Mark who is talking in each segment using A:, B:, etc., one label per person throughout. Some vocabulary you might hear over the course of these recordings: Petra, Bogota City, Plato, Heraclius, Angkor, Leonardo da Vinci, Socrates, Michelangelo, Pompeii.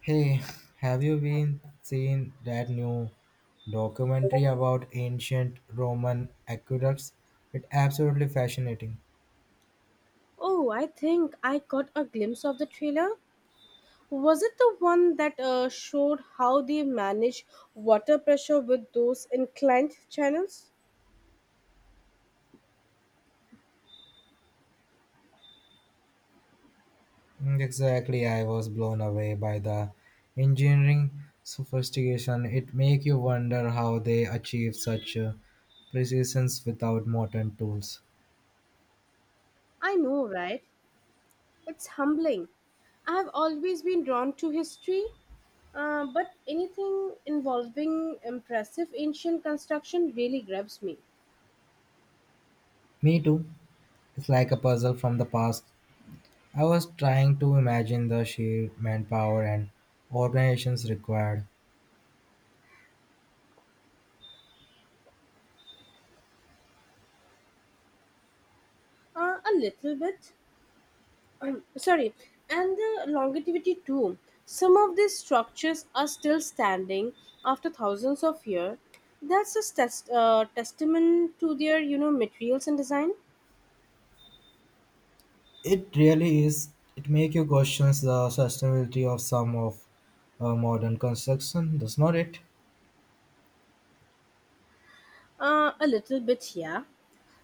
A: Hey, have you been seeing that new documentary about ancient Roman aqueducts? It's absolutely fascinating.
B: Oh, I think I got a glimpse of the trailer. Was it the one that showed how they manage water pressure with those inclined channels?
A: Exactly, I was blown away by the engineering sophistication. It make you wonder how they achieved such precisions without modern tools.
B: I know, right? It's humbling. I have always been drawn to history, but anything involving impressive ancient construction really grabs me
A: Me too. It's like a puzzle from the past. I was trying to imagine the sheer manpower and organizations required.
B: a little bit. um, sorry, and the longevity too. Some of these structures are still standing after thousands of years. Testament to their, you know, materials and design.
A: It really is. It make you question the sustainability of some of modern construction, does not it?
B: A little bit, yeah.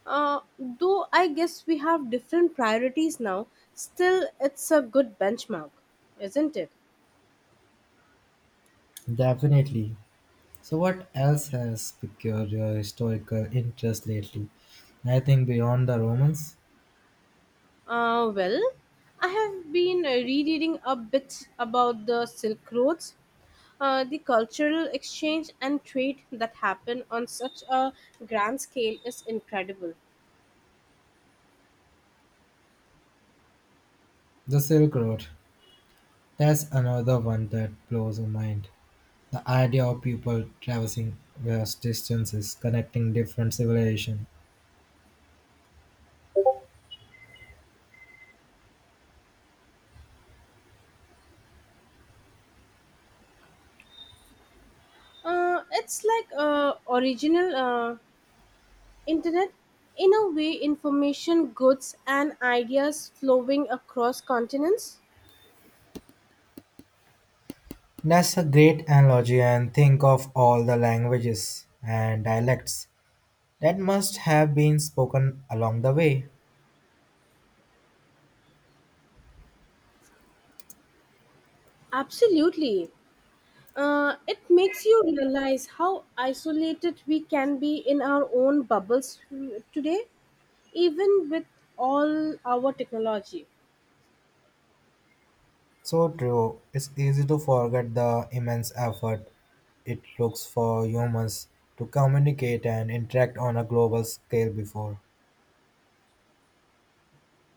B: Uh, though I guess we have different priorities now. Still, it's a good benchmark, isn't it?
A: Definitely. So what else has piqued your historical interest lately? I think beyond the Romans,
B: Well, I have been rereading a bit about the Silk Roads. The cultural exchange and trade that happen on such a grand scale is incredible.
A: the Silk Road. That's another one that blows my mind. The idea of people traversing vast distances, connecting different civilizations.
B: It's like original internet. In a way, information, goods, and ideas flowing across continents.
A: That's a great analogy, and think of all the languages and dialects that must have been spoken along the way.
B: Absolutely. It makes you realize how isolated we can be in our own bubbles today, even with all our technology.
A: So true. It's easy to forget the immense effort it looks for humans to communicate and interact on a global scale before.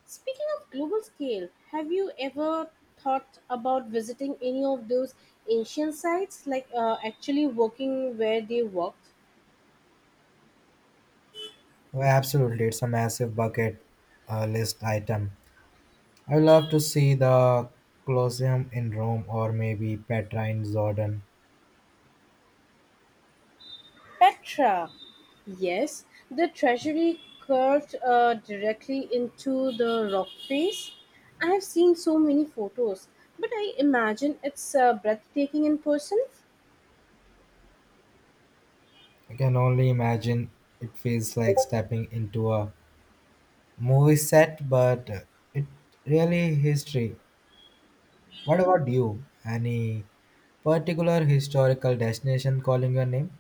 B: Speaking of global scale, have you ever thought about visiting any of those ancient sites, like actually working where they worked?
A: Oh, absolutely, it's a massive bucket list item. I would love to see the Colosseum in Rome or maybe Petra in Jordan.
B: Petra. Yes, the treasury curved directly into the rock face. I have seen so many photos, but I imagine it's breathtaking in person.
A: I can only imagine it feels like stepping into a movie set, but it really history. What about you? Any particular historical destination calling your name?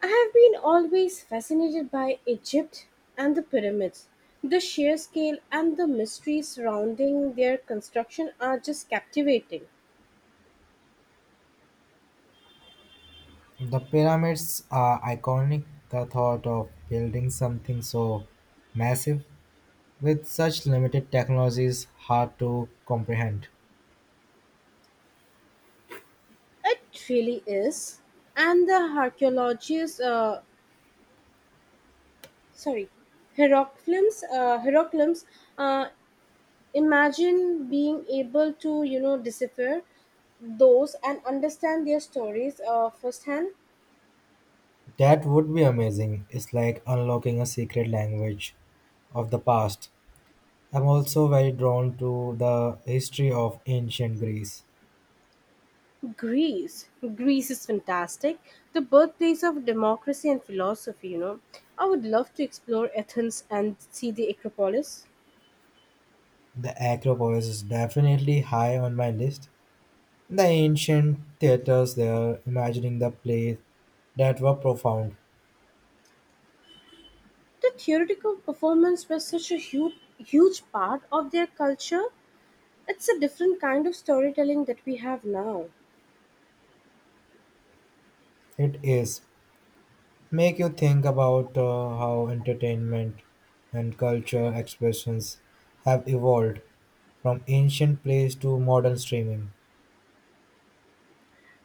B: I have been always fascinated by Egypt and the pyramids. The sheer scale and the mystery surrounding their construction are just captivating.
A: The pyramids are iconic. The thought of building something so massive with such limited technology is hard to comprehend.
B: It really is. And sorry, Heraclius, uh, imagine being able to, you know, decipher those and understand their stories firsthand.
A: That would be amazing. It's like unlocking a secret language of the past. I'm also very drawn to the history of ancient Greece.
B: Greece. Greece is fantastic. The birthplace of democracy and philosophy, you know. I would love to explore Athens and see the Acropolis.
A: The Acropolis is definitely high on my list. The ancient theaters there, imagining the plays that were profound.
B: The theoretical performance was such a huge, huge part of their culture. It's a different kind of storytelling that we have now.
A: It is make you think about how entertainment and culture expressions have evolved from ancient plays to modern streaming.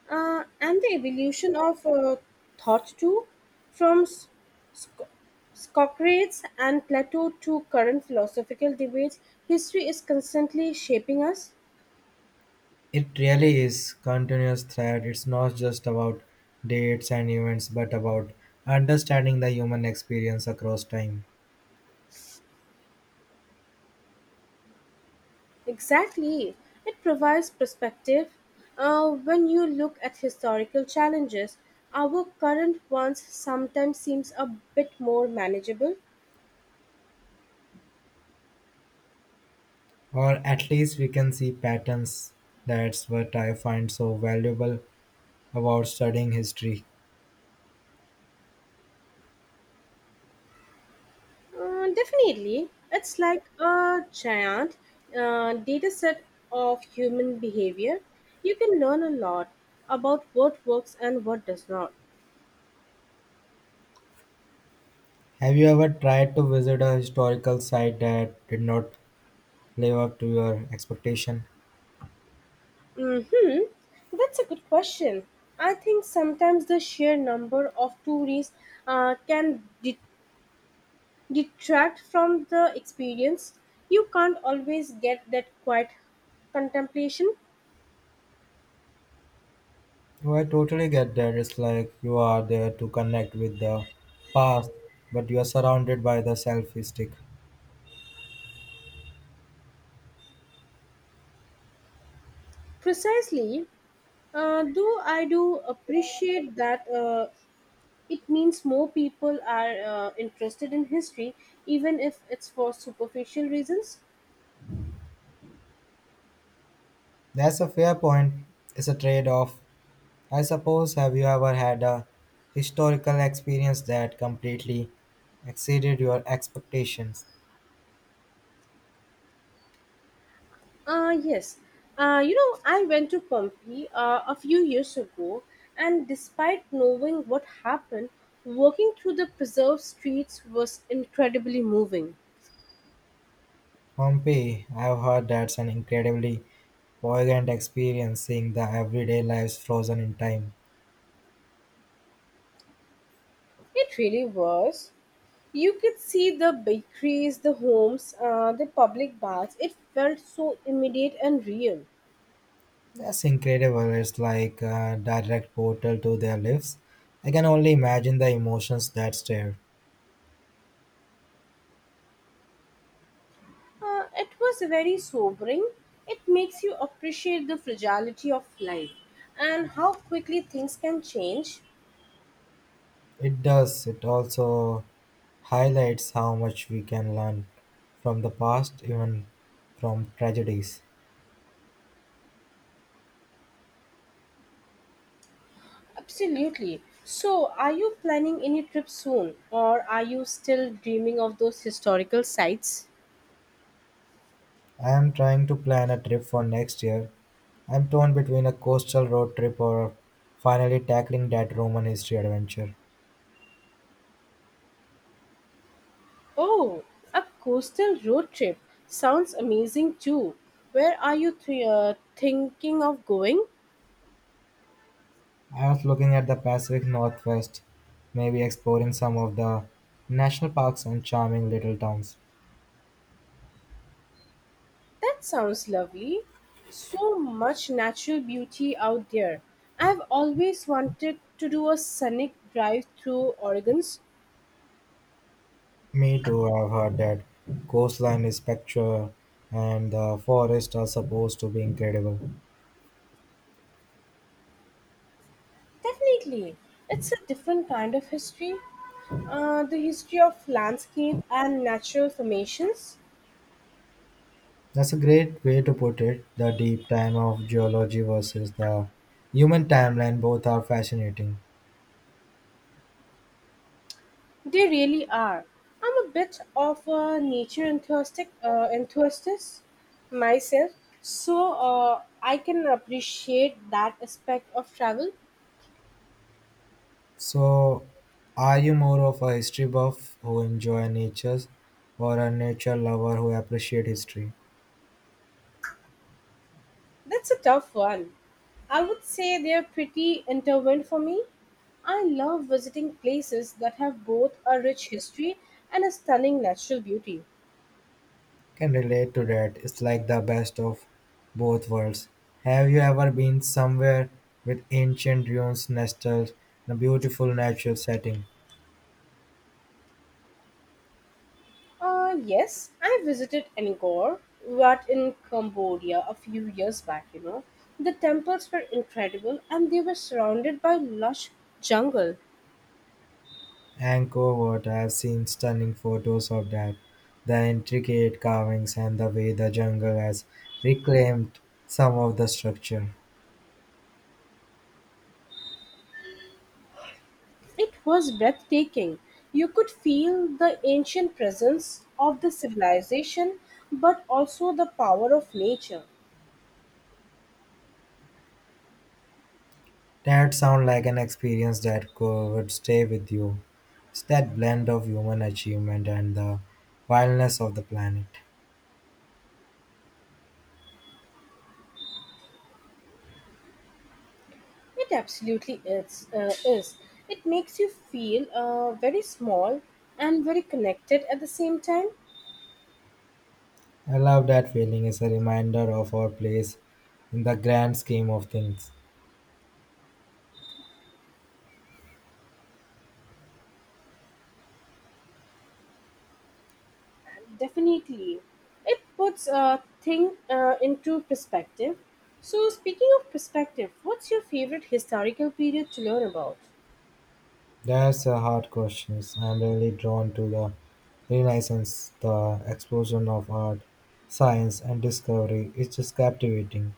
B: And the evolution of thought too, from sc- Socrates and Plato to current philosophical debates, history is constantly shaping us.
A: It really is continuous thread. It's not just about dates and events, but about understanding the human experience across time.
B: Exactly. It provides perspective. When you look at historical challenges, our current ones sometimes seems a bit more manageable.
A: Or at least we can see patterns, that's what I find so valuable about studying history.
B: Definitely. It's like a giant data set of human behavior. You can learn a lot about what works and what does not.
A: Have you ever tried to visit a historical site that did not live up to your expectation?
B: Mm-hmm. That's a good question. I think sometimes the sheer number of tourists can deter detract from the experience. You can't always get that quiet contemplation.
A: Oh, I totally get that. It's like you are there to connect with the past, but you are surrounded by the selfie stick.
B: Precisely, though I do appreciate that it means more people are interested in history, even if it's for superficial reasons.
A: That's a fair point. It's a trade off, I suppose. Have you ever had a historical experience that completely exceeded your expectations?
B: Yes. You know, I went to Pompeii a few years ago, and despite knowing what happened, walking through the preserved streets was incredibly moving.
A: Pompeii, I've heard that's an incredibly poignant experience, seeing the everyday lives frozen in time.
B: It really was. You could see the bakeries, the homes, the public baths. It felt so immediate and real.
A: That's incredible. It's like a direct portal to their lives. I can only imagine the emotions that's there.
B: It was very sobering. It makes you appreciate the fragility of life and how quickly things can change.
A: It does. It also highlights how much we can learn from the past, even from tragedies.
B: Absolutely. So, are you planning any trip soon, or are you still dreaming of those historical sites?
A: I am trying to plan a trip for next year. I'm torn between a coastal road trip or finally tackling that Roman history adventure.
B: Oh, a coastal road trip sounds amazing too. Where are you thinking of going?
A: I was looking at the Pacific Northwest, maybe exploring some of the national parks and charming little towns.
B: That sounds lovely. So much natural beauty out there. I've always wanted to do a scenic drive through Oregon's.
A: Me too, I've heard that coastline is spectral and the forests are supposed to be incredible.
B: Definitely. It's a different kind of history. The history of landscape and natural formations.
A: That's a great way to put it. The deep time of geology versus the human timeline, both are fascinating.
B: They really are. I'm a bit of a enthusiast myself, so I can appreciate that aspect of travel.
A: So, are you more of a history buff who enjoy natures or a nature lover who appreciate history?
B: That's a tough one. I would say they're pretty intertwined for me. I love visiting places that have both a rich history and a stunning natural beauty.
A: Can relate to that. It's like the best of both worlds. Have you ever been somewhere with ancient ruins nestled in a beautiful natural setting?
B: Yes, I visited Angkor, but in Cambodia a few years back, you know. The temples were incredible and they were surrounded by lush jungle.
A: Angkor Wat, I have seen stunning photos of that. The intricate carvings and the way the jungle has reclaimed some of the structure.
B: It was breathtaking. You could feel the ancient presence of the civilization, but also the power of nature.
A: That sounds like an experience that could, would stay with you. It's that blend of human achievement and the wildness of the planet.
B: It absolutely is. It makes you feel very small and very connected at the same time.
A: I love that feeling. It's a reminder of our place in the grand scheme of things.
B: Definitely. It puts a thing into perspective. So, speaking of perspective, what's your favorite historical period to learn about?
A: That's a hard question. I'm really drawn to the Renaissance, the explosion of art, science, and discovery. It's just captivating.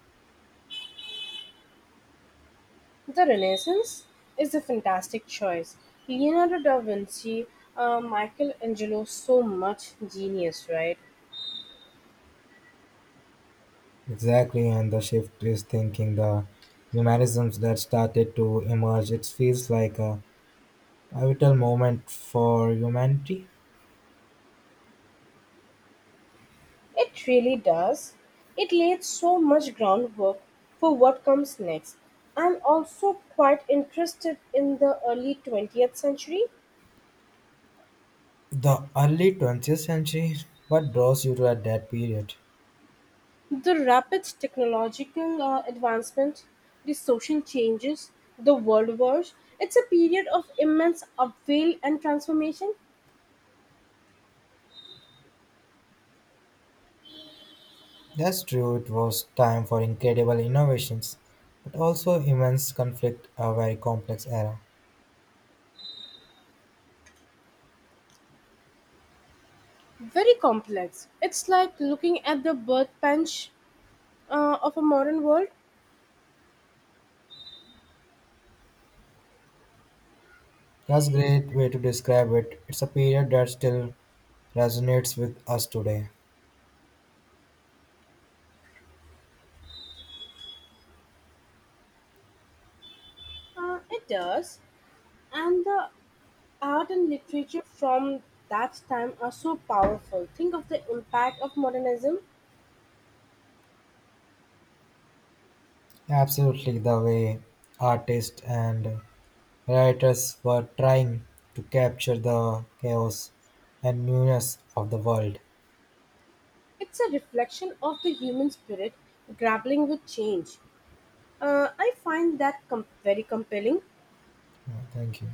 B: The Renaissance is a fantastic choice. Leonardo da Vinci, Michelangelo, so much genius, right?
A: Exactly, and the shift is thinking the humanisms that started to emerge. It feels like a pivotal moment for humanity.
B: It really does. It laid so much groundwork for what comes next. I'm also quite interested in the early 20th century.
A: The early 20th century, what draws you to at that period?
B: The rapid technological advancement, the social changes, the world wars, it's a period of immense upheaval and transformation.
A: That's true, it was time for incredible innovations, but also immense conflict, a very complex era.
B: Very complex. It's like looking at the birth bench of a modern world.
A: That's a great way to describe it. It's a period that still resonates with us today.
B: It does. And the art and literature from that time are so powerful. Think of the impact of modernism.
A: Absolutely, the way artists and writers were trying to capture the chaos and newness of the world.
B: It's a reflection of the human spirit grappling with change. I find that very compelling.
A: Yeah, thank you.